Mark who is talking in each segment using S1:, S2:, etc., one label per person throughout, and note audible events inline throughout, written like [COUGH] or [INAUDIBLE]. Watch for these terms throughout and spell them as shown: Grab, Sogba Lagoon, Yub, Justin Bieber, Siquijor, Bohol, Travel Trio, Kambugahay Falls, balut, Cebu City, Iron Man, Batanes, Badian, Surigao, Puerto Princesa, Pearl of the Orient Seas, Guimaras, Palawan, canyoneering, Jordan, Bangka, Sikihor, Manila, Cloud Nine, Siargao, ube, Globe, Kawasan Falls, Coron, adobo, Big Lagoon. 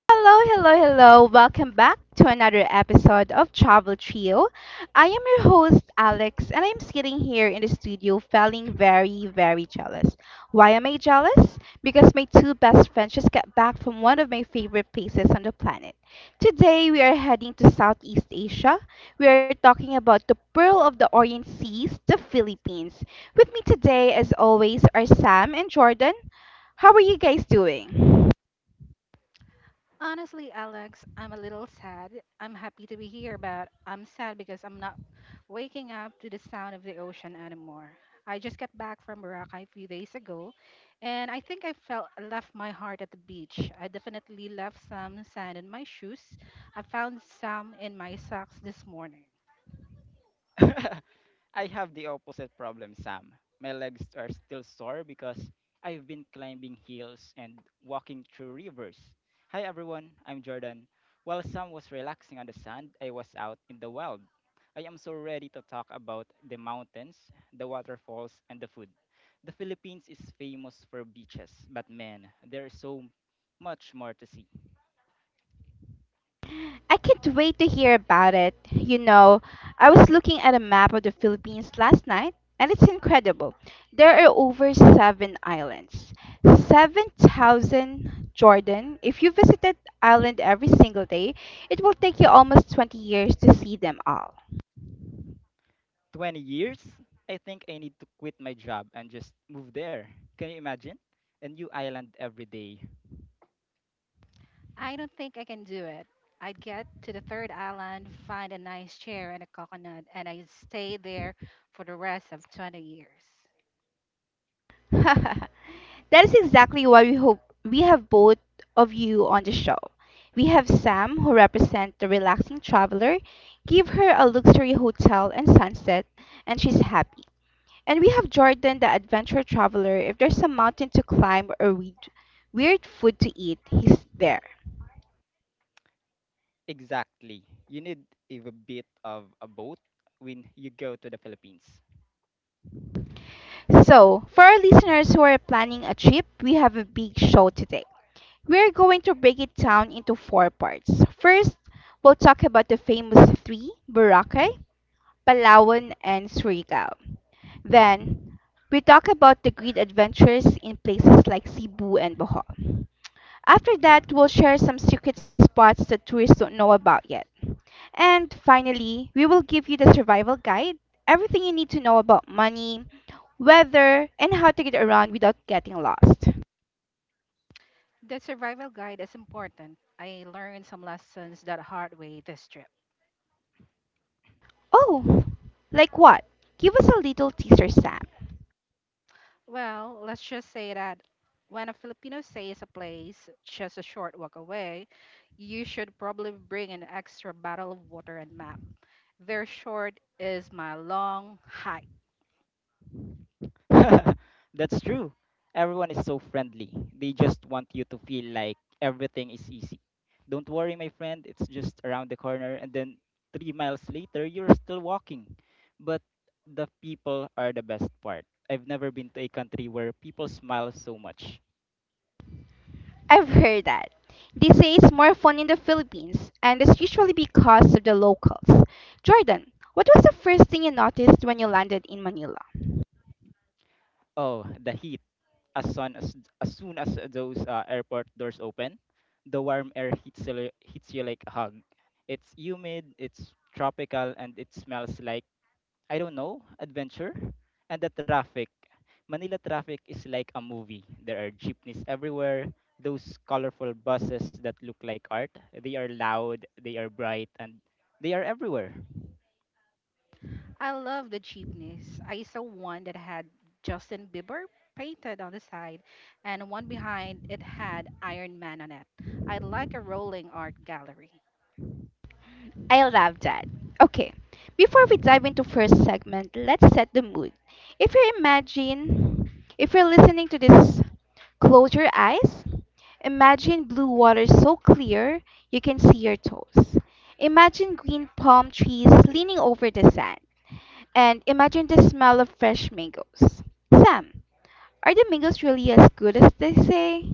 S1: Hello, hello, hello. Welcome back to another episode of Travel Trio. I am your host, Alex, and I'm sitting here in the studio feeling very, very jealous. Why am I jealous? Because my two best friends just got back from one of my favorite places on the planet. Today, we are heading to Southeast Asia. We are talking about the Pearl of the Orient Seas, the Philippines. With me today, as always, are Sam and Jordan. How are you guys doing?
S2: Honestly, Alex, I'm a little sad. I'm happy to be here, but I'm sad because I'm not waking up to the sound of the ocean anymore. I just got back from Boracay a few days ago, and I think I felt I left my heart at the beach. I definitely left some sand in my shoes. I found some in my socks this morning.
S3: [LAUGHS] I have the opposite problem, Sam. My legs are still sore because I've been climbing hills and walking through rivers. Hi everyone, I'm Jordan. While Sam was relaxing on the sand, I was out in the wild. I am so ready to talk about the mountains, the waterfalls, and the food. The Philippines is famous for beaches, but man, there is so much more to see.
S1: I can't wait to hear about it. You know, I was looking at a map of the Philippines last night, and it's incredible. There are over seven islands. 7,000, Jordan. If you visited island every single day, it will take you almost 20 years to see them all.
S3: 20 years, I think I need to quit my job and just move there. Can you imagine? A new island every day.
S2: I don't think I can do it. I'd get to the third island, find a nice chair and a coconut, and I'd stay there for the rest of 20 years.
S1: [LAUGHS] That is exactly why we hope we have both of you on the show. We have Sam, who represents the relaxing traveler, give her a luxury hotel and sunset, and she's happy. And we have Jordan, the adventure traveler. If there's a mountain to climb or weird, weird food to eat, he's there.
S3: Exactly. You need a bit of a boat when you go to the Philippines.
S1: So, for our listeners who are planning a trip, we have a big show today. We're going to break it down into four parts. First, we'll talk about the famous three, Boracay, Palawan, and Surigao. Then, we talk about the great adventures in places like Cebu and Bohol. After that, we'll share some secret spots that tourists don't know about yet. And finally, we will give you the survival guide, everything you need to know about money, weather, and how to get around without getting lost.
S2: The survival guide is important. I learned some lessons that hard way this trip.
S1: Oh, like what? Give us a little teaser, Sam.
S2: Well, let's just say that when a Filipino says a place just a short walk away, you should probably bring an extra bottle of water and map. Their short is my long hike.
S3: [LAUGHS] That's true. Everyone is so friendly. They just want you to feel like everything is easy. Don't worry, my friend, it's just around the corner. And then 3 miles later, you're still walking. But the people are the best part. I've never been to a country where people smile so much.
S1: I've heard that. They say it's more fun in the Philippines, and it's usually because of the locals. Jordan, what was the first thing you noticed when you landed in Manila?
S3: Oh, the heat. As soon as, as soon as those airport doors open, the warm air hits you, hits you like a hug. It's humid, it's tropical, and it smells like, I don't know, adventure, and the traffic. Manila traffic is like a movie. There are jeepneys everywhere, those colorful buses that look like art. They are loud, they are bright, and they are everywhere.
S2: I love the jeepneys. I saw one that had Justin Bieber painted on the side and one behind it had Iron Man on it. I like a rolling art gallery.
S1: I love that. Okay, before we dive into first segment, let's set the mood. If you imagine, if you're listening to this, close your eyes. Imagine blue water so clear you can see your toes. Imagine green palm trees leaning over the sand, and imagine the smell of fresh mangoes. Sam, are the mangoes really as good as they say?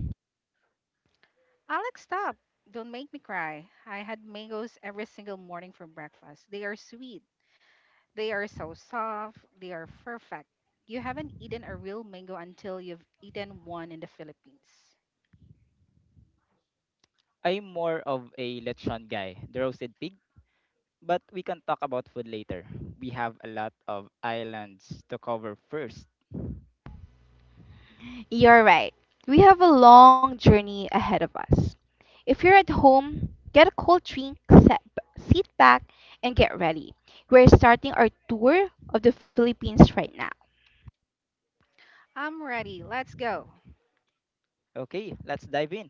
S2: Alex, stop. Don't make me cry. I had mangoes every single morning for breakfast. They are sweet. They are so soft. They are perfect. You haven't eaten a real mango until you've eaten one in the Philippines.
S3: I'm more of a lechon guy, the roasted pig, but we can talk about food later. We have a lot of islands to cover first.
S1: You're right. We have a long journey ahead of us. If you're at home, get a cold drink, sit back, and get ready. We're starting our tour of the Philippines right now.
S2: I'm ready. Let's go.
S3: Okay, let's dive in.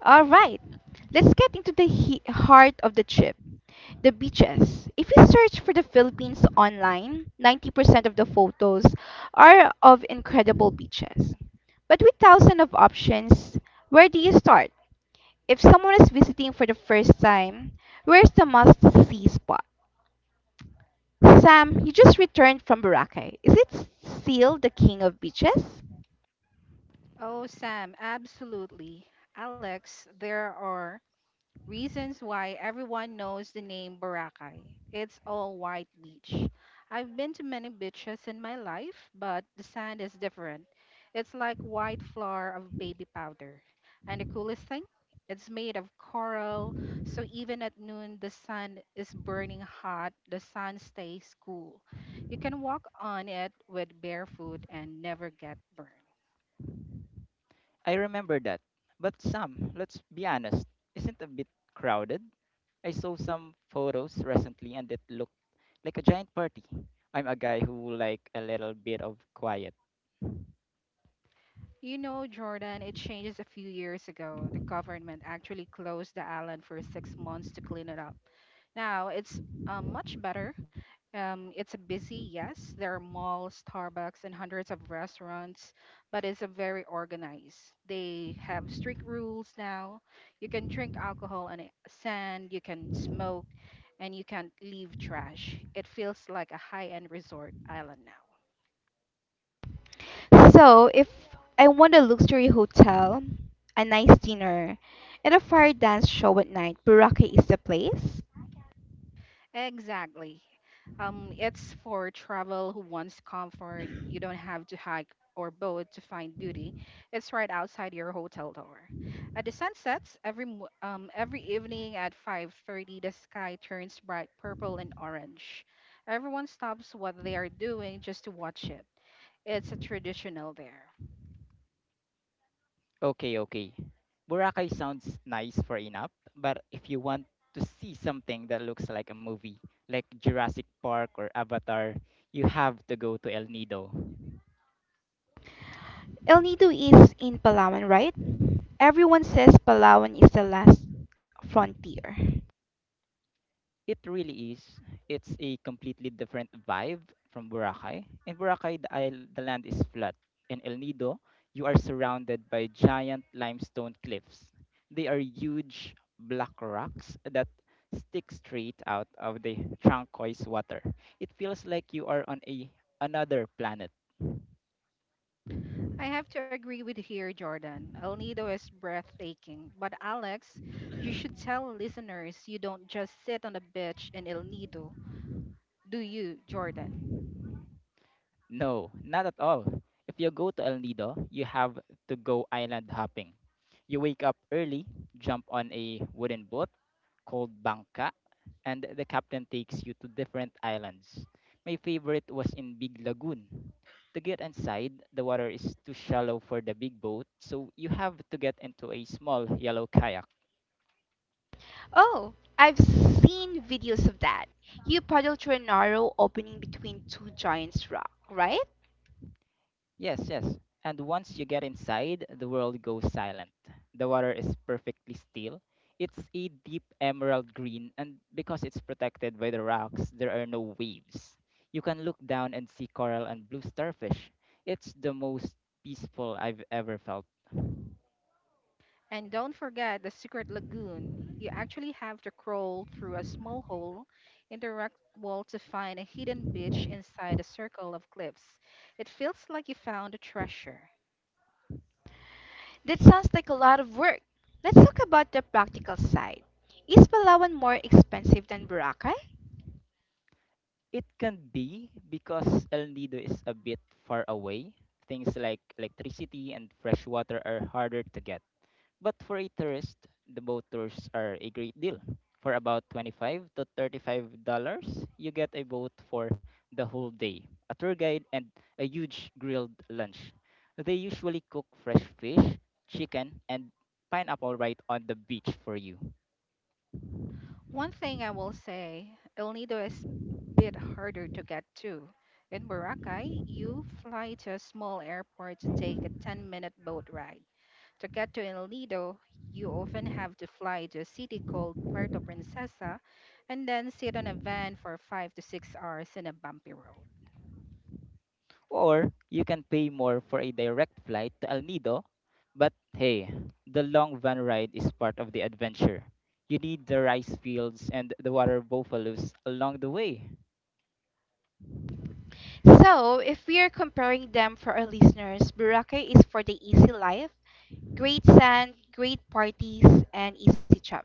S1: All right, let's get into the heart of the trip. The beaches. If you search for the Philippines online, 90% of the photos are of incredible beaches. But with thousands of options, where do you start? If someone is visiting for the first time, where's the must-see spot? Sam, you just returned from Boracay. Is it still the king of beaches?
S2: Oh, Sam, absolutely. Alex, there are reasons why everyone knows the name Boracay. It's all white beach. I've been to many beaches in my life, but the sand is different. It's like white flour of baby powder. And the coolest thing, it's made of coral, so even at noon the sun is burning hot, the sun stays cool. You can walk on it with bare foot and never get burned.
S3: I remember that. But Sam, let's be honest, isn't a bit crowded? I saw some photos recently and it looked like a giant party. I'm a guy who like a little bit of quiet.
S2: You know, Jordan, it changes a few years ago. The government actually closed the island for 6 months to clean it up. Now it's much better. It's a busy, yes. There are malls, Starbucks, and hundreds of restaurants, but it's a very organized. They have strict rules now. You can drink alcohol on sand, you can smoke, and you can't leave trash. It feels like a high-end resort island now.
S1: So, if I want a luxury hotel, a nice dinner, and a fire dance show at night, Boracay is the place.
S2: Exactly. It's for travel who wants comfort. You don't have to hike or boat to find beauty. It's right outside your hotel door. At the sunsets, every evening at 5:30, the sky turns bright purple and orange. Everyone stops what they are doing just to watch it. It's a traditional there.
S3: Okay, okay. Boracay sounds nice for enough, but if you want to see something that looks like a movie, like Jurassic Park or Avatar, you have to go to El Nido.
S1: El Nido is in Palawan, right? Everyone says Palawan is the last frontier.
S3: It really is. It's a completely different vibe from Boracay. In Boracay, the land is flat. In El Nido, you are surrounded by giant limestone cliffs. They are huge black rocks that stick straight out of the turquoise water. It feels like you are on a another planet.
S2: I have to agree with here, Jordan. El Nido is breathtaking. But Alex, you should tell listeners you don't just sit on the beach in El Nido, do you, Jordan?
S3: No, not at all. If you go to El Nido, you have to go island hopping. You wake up early, jump on a wooden boat called Bangka, and the captain takes you to different islands. My favorite was in Big Lagoon. To get inside, the water is too shallow for the big boat, so you have to get into a small yellow kayak.
S1: Oh, I've seen videos of that. You paddle through a narrow opening between two giant rock, right?
S3: Yes, yes. And once you get inside, the world goes silent. The water is perfectly still. It's a deep emerald green, and because it's protected by the rocks, there are no waves. You can look down and see coral and blue starfish. It's the most peaceful I've ever felt.
S2: And don't forget the secret lagoon. You actually have to crawl through a small hole in the rock wall to find a hidden beach inside a circle of cliffs. It feels like you found a treasure.
S1: That sounds like a lot of work. Let's talk about the practical side. Is Palawan more expensive than Boracay?
S3: It can be because El Nido is a bit far away. Things like electricity and fresh water are harder to get. But for a tourist, the boat tours are a great deal. For about 25 to $35, you get a boat for the whole day, a tour guide and a huge grilled lunch. They usually cook fresh fish, chicken, and pineapple right on the beach for you.
S2: One thing I will say, El Nido is bit harder to get to. In Boracay, you fly to a small airport to take a 10-minute boat ride. To get to El Nido, you often have to fly to a city called Puerto Princesa and then sit on a van for 5 to 6 hours in a bumpy road.
S3: Or you can pay more for a direct flight to El Nido, but hey, the long van ride is part of the adventure. You need the rice fields and the water buffaloes along the way.
S1: So, if we are comparing them for our listeners, Boracay is for the easy life, great sand, great parties, and easy travel.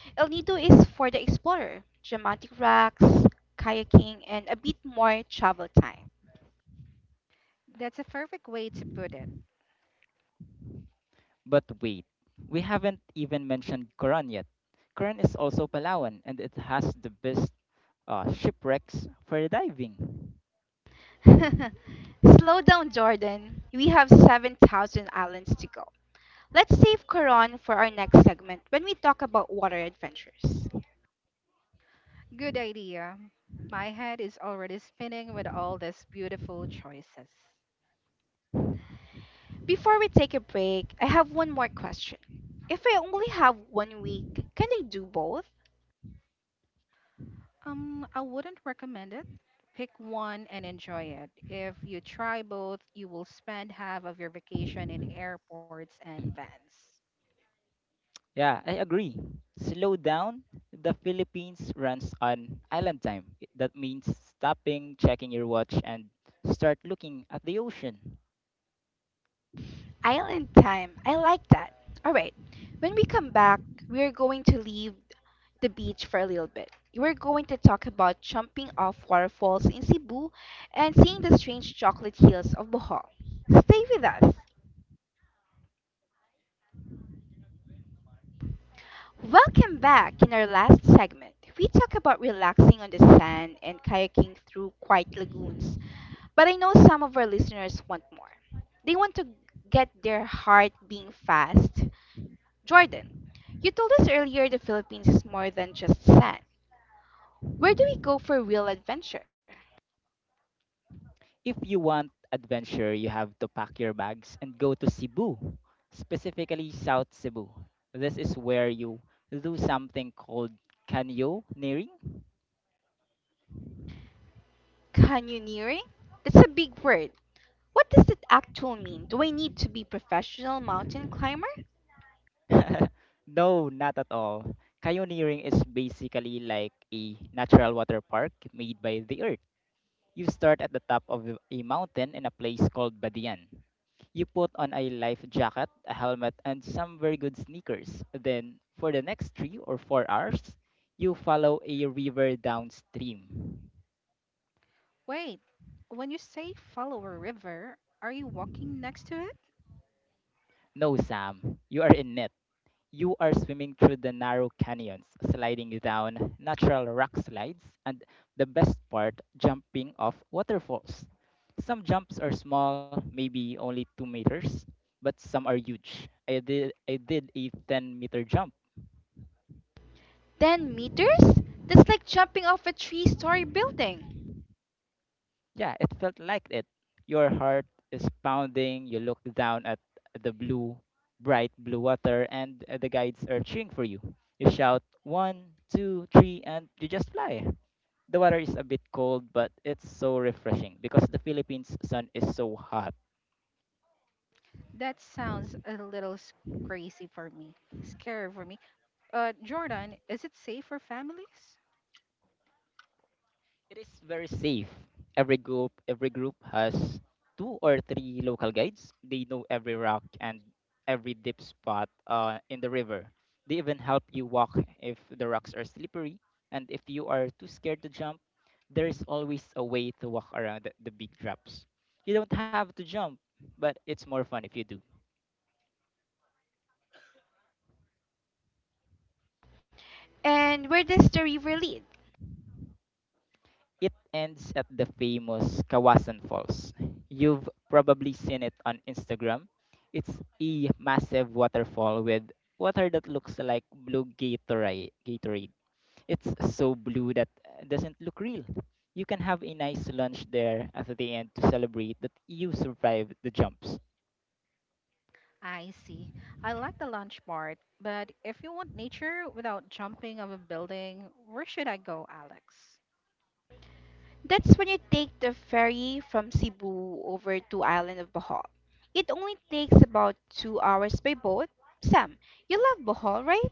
S1: El Nido is for the explorer, dramatic rocks, kayaking, and a bit more travel time.
S2: That's a perfect way to put it.
S3: But wait, we haven't even mentioned Coron yet. Coron is also Palawan and it has the best shipwrecks for diving.
S1: [LAUGHS] Slow down, Jordan. We have 7,000 islands to go. Let's save Coron for our next segment when we talk about water adventures.
S2: Good idea. My head is already spinning with all these beautiful choices.
S1: Before we take a break, I have one more question. If I only have 1 week, can I do both?
S2: I wouldn't recommend it. Pick one and enjoy it. If you try both, you will spend half of your vacation in airports and vans.
S3: Yeah, I agree. Slow down. The Philippines runs on island time. That means stopping, checking your watch, and start looking at the ocean.
S1: Island time. I like that. All right. When we come back, we are going to leave the beach for a little bit. We're going to talk about jumping off waterfalls in Cebu and seeing the strange chocolate hills of Bohol. Stay with us. Welcome back. In our last segment, we talk about relaxing on the sand and kayaking through quiet lagoons. But I know some of our listeners want more. They want to get their heart being fast. Jordan, you told us earlier the Philippines is more than just sand. Where do we go for real adventure?
S3: If you want adventure, you have to pack your bags and go to Cebu, specifically South Cebu. This is where you do something called canyoneering.
S1: Canyoneering? That's a big word. What does it actually mean? Do I need to be professional mountain climber?
S3: [LAUGHS] No, not at all. Canyoneering is basically like a natural water park made by the earth. You start at the top of a mountain in a place called Badian. You put on a life jacket, a helmet, and some very good sneakers. Then, for the next 3 or 4 hours, you follow a river downstream.
S2: Wait, when you say follow a river, are you walking next to it?
S3: No, Sam, you are in it. You are swimming through the narrow canyons, sliding down natural rock slides, and the best part, jumping off waterfalls. Some jumps are small, maybe only 2 meters, but some are huge. I did a 10-meter jump.
S1: 10 meters? That's like jumping off a three-story building.
S3: Yeah, it felt like it. Your heart is pounding, you look down at the blue, bright blue water, and the guides are cheering for you. You shout, one, two, three, and you just fly. The water is a bit cold, but it's so refreshing because the Philippines sun is so hot.
S2: That sounds a little s- Crazy for me, scary for me. Jordan, is it safe for families?
S3: It is very safe. Every group has two or three local guides. They know every rock and every deep spot in the river. They even help you walk if the rocks are slippery, and if you are too scared to jump, there is always a way to walk around the big drops. You don't have to jump, but it's more fun if you do.
S1: And where does the river lead?
S3: It ends at the famous Kawasan Falls. You've probably seen it on Instagram. It's a massive waterfall with water that looks like blue Gatorade. Gatorade. It's so blue that doesn't look real. You can have a nice lunch there at the end to celebrate that you survived the jumps.
S2: I see. I like the lunch part, but if you want nature without jumping off a building, where should I go, Alex?
S1: That's when you take the ferry from Cebu over to island of Bohol. It only takes about 2 hours by boat. Sam, you love Bohol, right?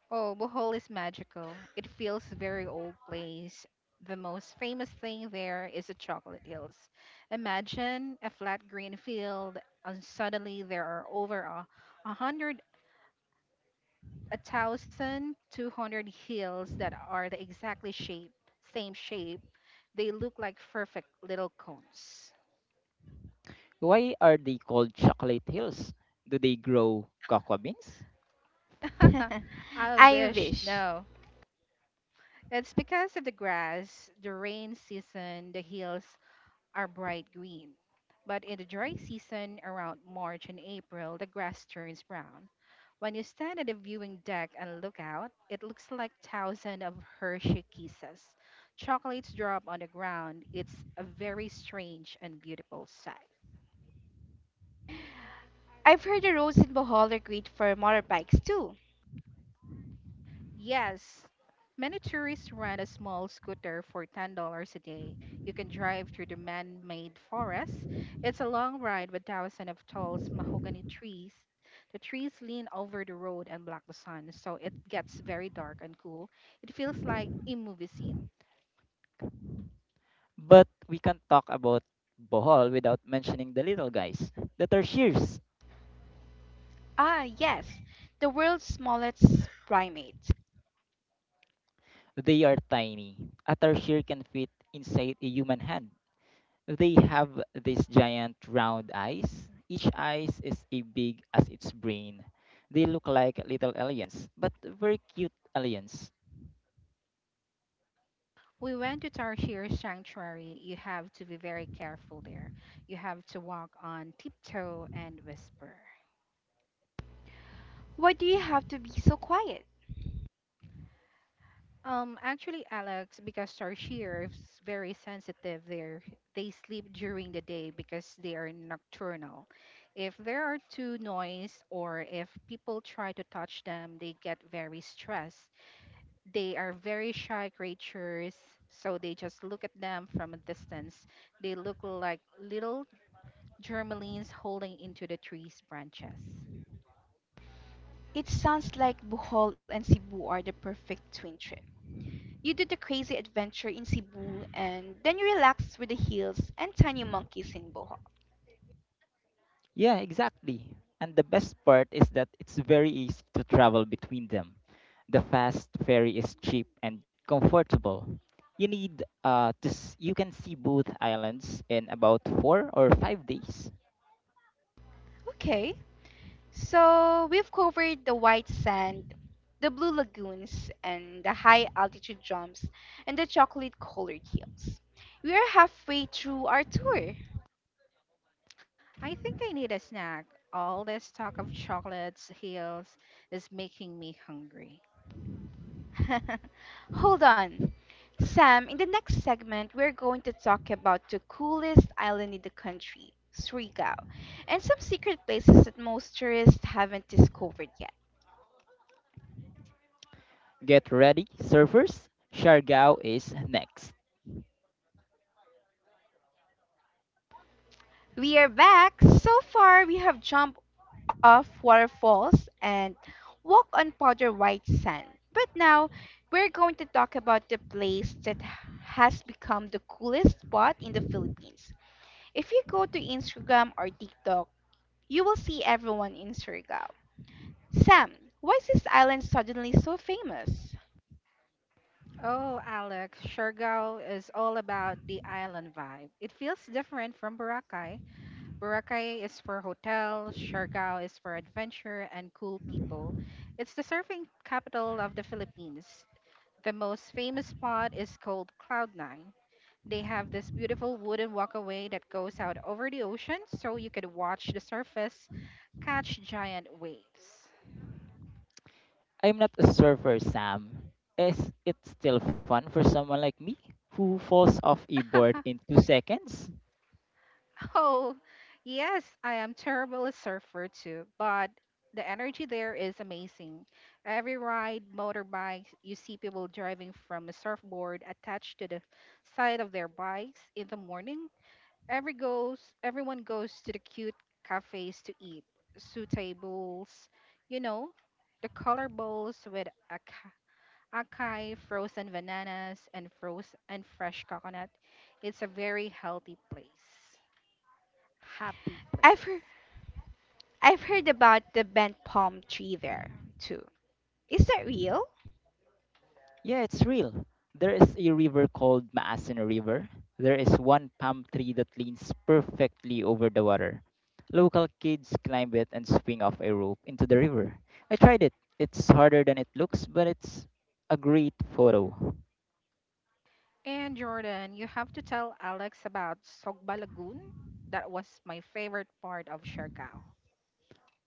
S2: Oh, Bohol is magical. It feels very old place. The most famous thing there is the chocolate hills. Imagine a flat green field, and suddenly there are a hundred, a thousand, 200 hills that are the exactly shape, same shape. They look like perfect little cones.
S3: Why are they called chocolate hills? Do they grow cocoa beans?
S1: [LAUGHS]
S2: [LAUGHS] I
S1: I
S2: wish
S1: wish.
S2: no. It's because of the grass, the rain season, the hills are bright green. But in the dry season, around March and April, the grass turns brown. When you stand at the viewing deck and look out, it looks like thousands of Hershey kisses. Chocolates drop on the ground. It's a very strange and beautiful sight.
S1: I've heard the roads in Bohol are great for motorbikes too.
S2: Yes, many tourists rent a small scooter for $10 a day. You can drive through the man-made forest. It's a long ride with thousands of tall mahogany trees. The trees lean over the road and block the sun, so it gets very dark and cool. It feels like a movie scene.
S3: But we can't talk about Bohol without mentioning the little guys, the tertiaries.
S1: Ah, yes, the world's smallest primates.
S3: They are tiny. A tarsier can fit inside a human hand. They have these giant round eyes. Each eye is as big as its brain. They look like little aliens, but very cute aliens.
S2: We went to Tarshir Sanctuary. You have to be very careful there. You have to walk on tiptoe and whisper.
S1: Why do you have to be so quiet?
S2: Actually, Alex, because our shear's very sensitive there, they sleep during the day because they are nocturnal. If there are too noise or if people try to touch them, they get very stressed. They are very shy creatures, so they just look at them from a distance. They look like little germlines holding into the tree's branches.
S1: It sounds like Bohol and Cebu are the perfect twin trip. You do the crazy adventure in Cebu and then you relax with the hills and tiny monkeys in Bohol.
S3: Yeah, exactly. And the best part is that it's very easy to travel between them. The fast ferry is cheap and comfortable. You need to s- You can see both islands in about 4 or 5 days.
S1: Okay, so we've covered the white sand, the blue lagoons, and the high altitude jumps and the chocolate colored hills. We are halfway through our tour.
S2: I think I need a snack. All this talk of chocolates, heels, is making me hungry.
S1: [LAUGHS] Hold on. Sam, in the next segment, we're going to talk about the coolest island in the country, Surigao, and some secret places that most tourists haven't discovered yet.
S3: Get ready, surfers. Siargao is next.
S1: We are back. So far, we have jumped off waterfalls and walked on powder white sand. But now, we're going to talk about the place that has become the coolest spot in the Philippines. If you go to Instagram or TikTok, you will see everyone in Surigao. Sam, why is this island suddenly so famous?
S2: Oh, Alex, Siargao is all about the island vibe. It feels different from Boracay. Boracay is for hotels, Siargao is for adventure and cool people. It's the surfing capital of the Philippines. The most famous spot is called Cloud Nine. They have this beautiful wooden walkway that goes out over the ocean so you could watch the surface catch giant waves.
S3: I'm not a surfer, Sam. Is it still fun for someone like me who falls off a board
S2: [LAUGHS]
S3: in 2 seconds?
S2: [LAUGHS] Oh, yes, I am terrible a surfer too, but the energy there is amazing. Every ride, motorbike, you see people driving from a surfboard attached to the side of their bikes in the morning. Everyone goes to the cute cafes to eat, su tables, you know, the color bowls with acai, frozen bananas, and frozen and fresh coconut. It's a very healthy place happy place.
S1: I've heard, I've heard about the bent palm tree there, too. Is that real?
S3: Yeah, it's real. There is a river called Maasin River. There is one palm tree that leans perfectly over the water. Local kids climb it and swing off a rope into the river. I tried it. It's harder than it looks, but it's a great photo.
S2: And Jordan, you have to tell Alex about Sogba Lagoon. That was my favorite part of Siargao.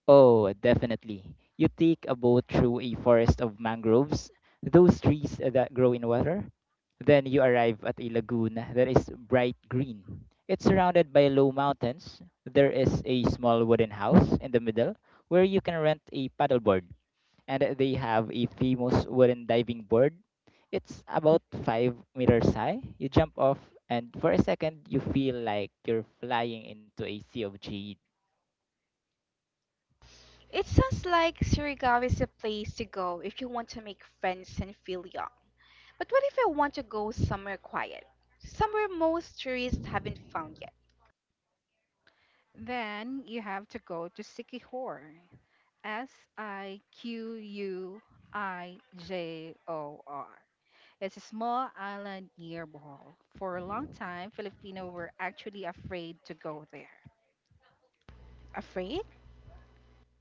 S3: Oh, definitely. You take a boat through a forest of mangroves, those trees that grow in water. Then you arrive at a lagoon that is bright green. It's surrounded by low mountains. There is a small wooden house in the middle where you can rent a paddleboard, and they have a famous wooden diving board. It's about 5 meters high. You jump off, and for a second, you feel like you're flying into a sea of jade.
S1: It sounds like Surigao is a place to go if you want to make friends and feel young. But what if I want to go somewhere quiet? Somewhere most tourists haven't found yet.
S2: Then you have to go to Siquijor. S I Q U I J O R. It's a small island near Bohol. For a long time, Filipino were actually afraid to go there.
S1: Afraid?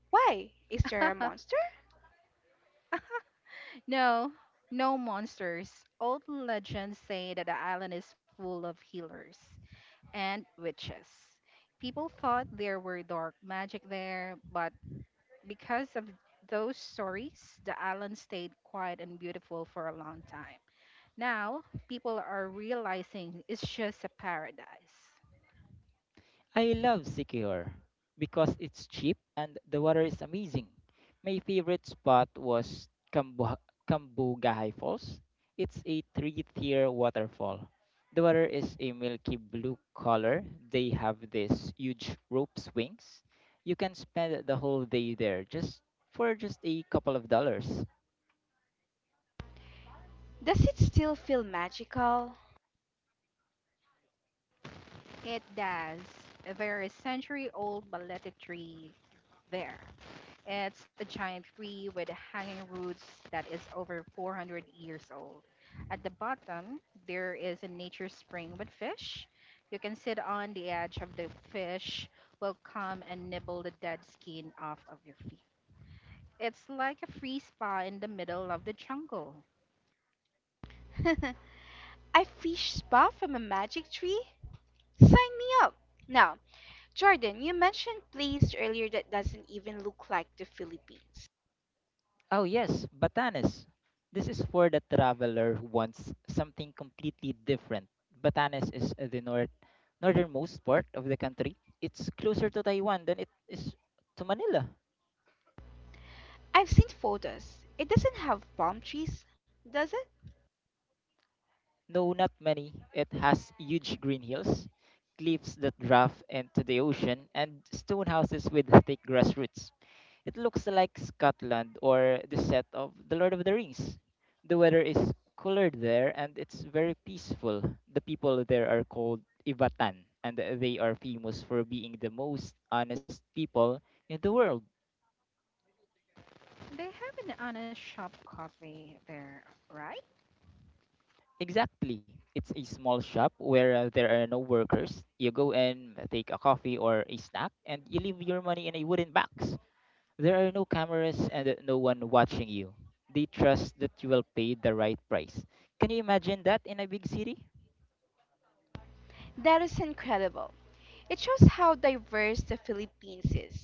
S1: Why? Is there a
S2: [LAUGHS]
S1: monster?
S2: No, no monsters. Old legends say that the island is full of healers and witches. People thought there were dark magic there, but because of those stories, the island stayed quiet and beautiful for a long time. Now, people are realizing it's just a paradise.
S3: I love Sikihor because it's cheap and the water is amazing. My favorite spot was Kambugahay Falls. It's a three-tier waterfall. The water is a milky blue color. They have these huge rope swings. You can spend the whole day there just for just a couple of dollars.
S1: Does it still feel magical?
S2: It does. There is century old balete tree there. It's a giant tree with hanging roots that is over 400 years old. At the bottom, there is a nature spring with fish. You can sit on the edge of the fish, will come and nibble the dead skin off of your feet. It's like a free spa in the middle of the jungle.
S1: [LAUGHS] I fish spa from a magic tree? Sign me up! Now, Jordan, you mentioned place earlier that doesn't even look like the Philippines.
S3: Oh yes, Batanes. This is for the traveler who wants something completely different. Batanes is the northernmost part of the country. It's closer to Taiwan than it is to Manila.
S1: I've seen photos. It doesn't have palm trees, does it?
S3: No, not many. It has huge green hills, cliffs that draft into the ocean, and stone houses with thick grass roots. It looks like Scotland or the set of The Lord of the Rings. The weather is cooler there and it's very peaceful. The people there are called Ivatan, and they are famous for being the most honest people in the world.
S2: They have an honest shop coffee there, right?
S3: Exactly. It's a small shop where there are no workers. You go and take a coffee or a snack and you leave your money in a wooden box. There are no cameras and no one watching you. They trust that you will pay the right price. Can you imagine that in a big city?
S1: That is incredible. It shows how diverse the Philippines is.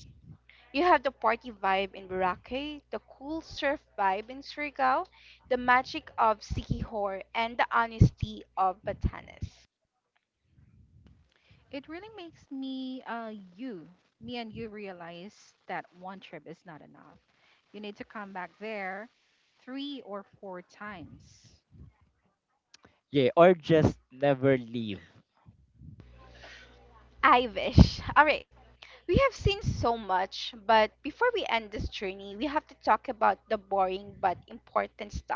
S1: You have the party vibe in Boracay, the cool surf vibe in Surigao, the magic of Sikihor, and the honesty of Batanes.
S2: It really makes me, me and you realize that one trip is not enough. You need to come back there 3 or 4 times.
S3: Yeah, or just never leave.
S1: I wish. All right. We have seen so much, but before we end this journey, we have to talk about the boring but important stuff.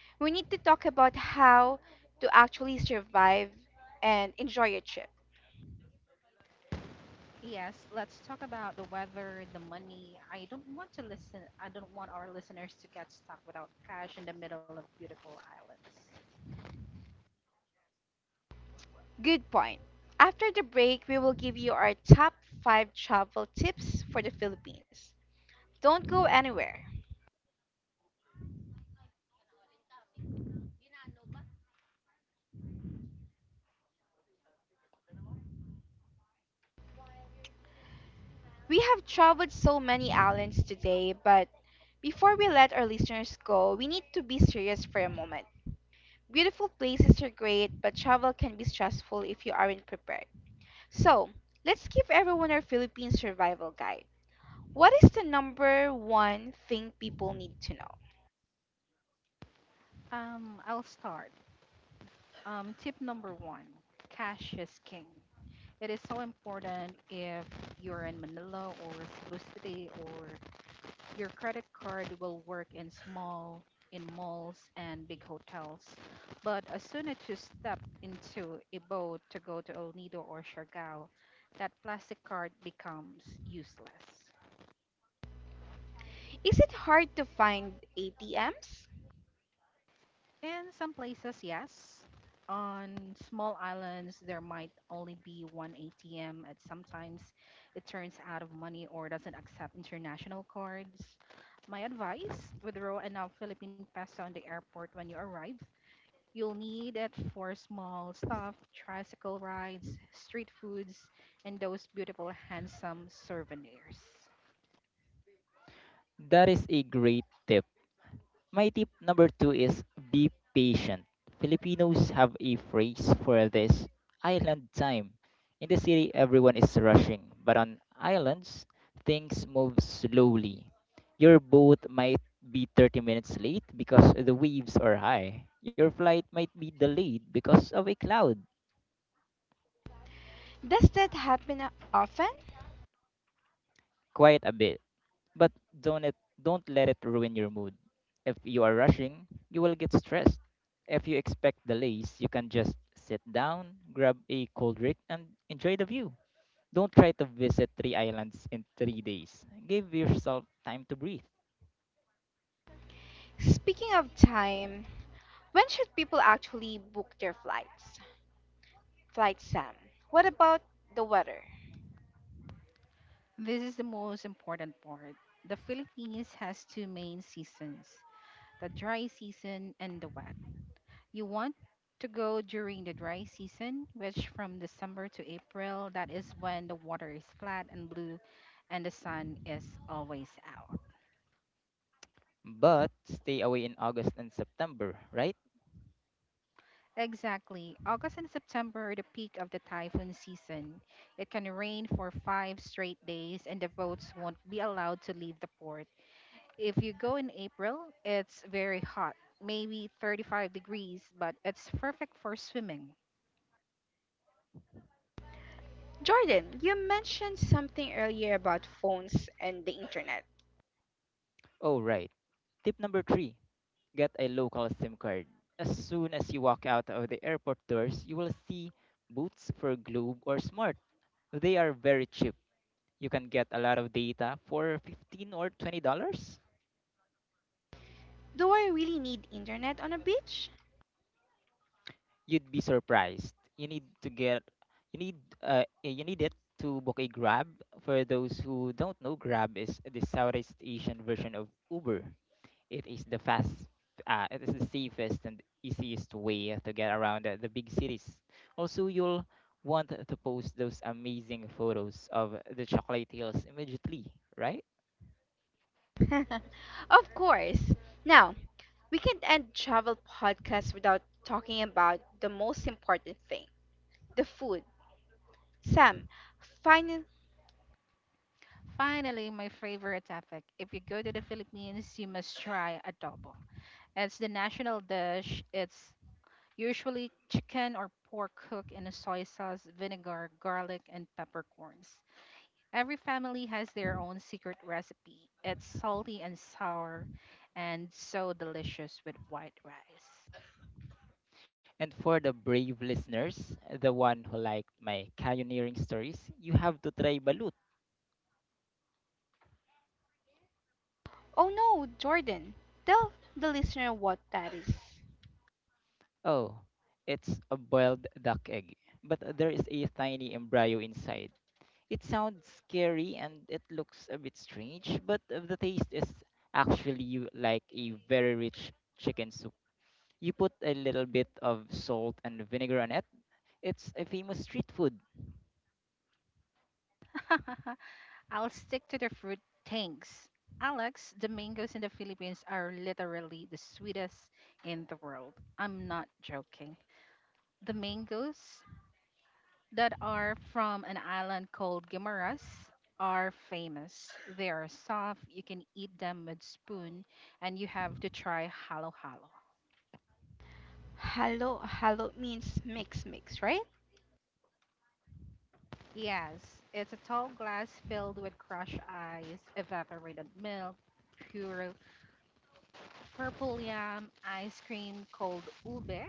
S1: We need to talk about how to actually survive and enjoy your trip.
S2: Yes, let's talk about the weather, the money. I don't want to listen. I don't want our listeners to get stuck without cash in the middle of beautiful islands.
S1: Good point. After the break, we will give you our top 5 travel tips for the Philippines. Don't go anywhere. We have traveled so many islands today, but before we let our listeners go, we need to be serious for a moment. Beautiful places are great, but travel can be stressful if you aren't prepared. So, let's give everyone our Philippine survival guide. What is the number one thing people need to know?
S2: I'll start. Tip number one: cash is king. It is so important if you're in Manila or Cebu City or your credit card will work in small in malls and big hotels. But as soon as you step into a boat to go to El Nido or Siargao, that plastic card becomes useless.
S1: Is it hard to find ATMs?
S2: In some places, yes. On small islands, there might only be one ATM, and sometimes it turns out of money or doesn't accept international cards. My advice withdraw enough Philippine peso on the airport when you arrive. You'll need it for small stuff, tricycle rides, street foods, and those beautiful, handsome souvenirs.
S3: That is a great tip. My tip number two is be patient. Filipinos have a phrase for this: island time. In the city, everyone is rushing, but on islands, things move slowly. Your boat might be 30 minutes late because the waves are high. Your flight might be delayed because of a cloud.
S1: Does that happen often?
S3: Quite a bit. But don't it don't let it ruin your mood. If you are rushing, you will get stressed. If you expect delays, you can just sit down, grab a cold drink, and enjoy the view. Don't try to visit three islands in 3 days. Give yourself time to breathe.
S1: Speaking of time, when should people actually book their flights? Flight Sam, what about the weather?
S2: This is the most important part. The Philippines has two main seasons, the dry season and the wet. You want to go during the dry season, which from December to April, that is when the water is flat and blue and the sun is always out.
S3: But stay away in August and September, right?
S2: Exactly. August and September are the peak of the typhoon season. It can rain for 5 straight days, and the boats won't be allowed to leave the port. If you go in April, it's very hot, maybe 35 degrees, but it's perfect for swimming.
S1: Jordan, you mentioned something earlier about phones and the internet.
S3: Oh, right. Tip number three, get a local SIM card. As soon as you walk out of the airport doors, you will see booths for Globe or Smart. They are very cheap. You can get a lot of data for 15 or $20.
S1: Do I really need internet on a beach?
S3: You'd be surprised. You need you need it to book a Grab. For those who don't know, Grab is the Southeast Asian version of Uber. it is the fast it is the safest and easiest way to get around the big cities. Also, you'll want to post those amazing photos of the chocolate hills immediately, right?
S1: [LAUGHS] Of course. Now, we can't end travel podcast without talking about the most important thing, the food. Sam, final.
S2: Finally, my favorite topic. If you go to the Philippines, you must try adobo. It's the national dish. It's usually chicken or pork cooked in a soy sauce, vinegar, garlic, and peppercorns. Every family has their own secret recipe. It's salty and sour and so delicious with white rice.
S3: And for the brave listeners, the one who liked my canyoneering stories, you have to try balut.
S1: Oh no, Jordan. Tell the listener what that is.
S3: Oh, it's a boiled duck egg, but there is a tiny embryo inside. It sounds scary and it looks a bit strange, but the taste is actually like a very rich chicken soup. You put a little bit of salt and vinegar on it. It's a famous street food.
S2: [LAUGHS] I'll stick to the fruit things. Alex, the mangoes in the Philippines are literally the sweetest in the world. I'm not joking. The mangoes that are from an island called Guimaras are famous. They are soft, you can eat them with spoon, and you have to try halo halo.
S1: Hello, hello means mix, mix, right?
S2: Yes, it's a tall glass filled with crushed ice, evaporated milk, pure purple yam, ice cream, cold ube,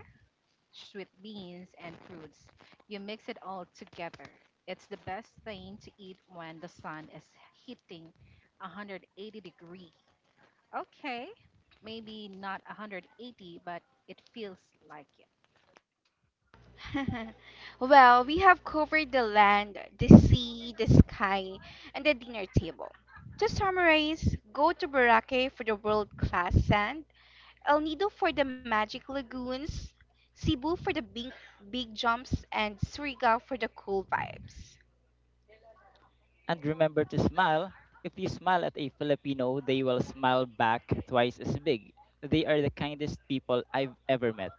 S2: sweet beans, and fruits. You mix it all together. It's the best thing to eat when the sun is hitting 180 degree. Okay, maybe not 180, but it feels like it.
S1: [LAUGHS] Well, we have covered the land, the sea, the sky, and the dinner table. To summarize, go to Boracay for the world class sand, El Nido for the magic lagoons, Cebu for the big, big jumps, and Surigao for the cool vibes.
S3: And remember to smile. If you smile at a Filipino, they will smile back twice as big. They are the kindest people I've ever met.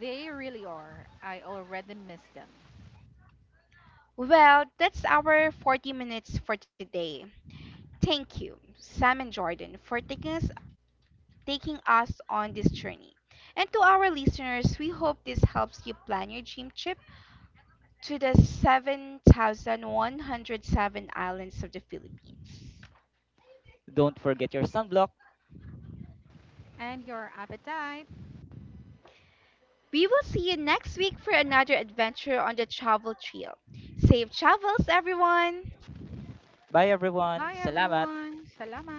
S2: They really are. I already miss them.
S1: Well, that's our 40 minutes for today. Thank you, Sam and Jordan, for taking us on this journey. And to our listeners, we hope this helps you plan your dream trip to the 7,107 islands of the Philippines.
S3: Don't forget your sunblock.
S2: And your appetite?
S1: We will see you next week for another adventure on the travel trail. Safe travels, everyone!
S3: Bye
S2: Hi
S3: everyone. Salamat.
S2: everyone. Salamat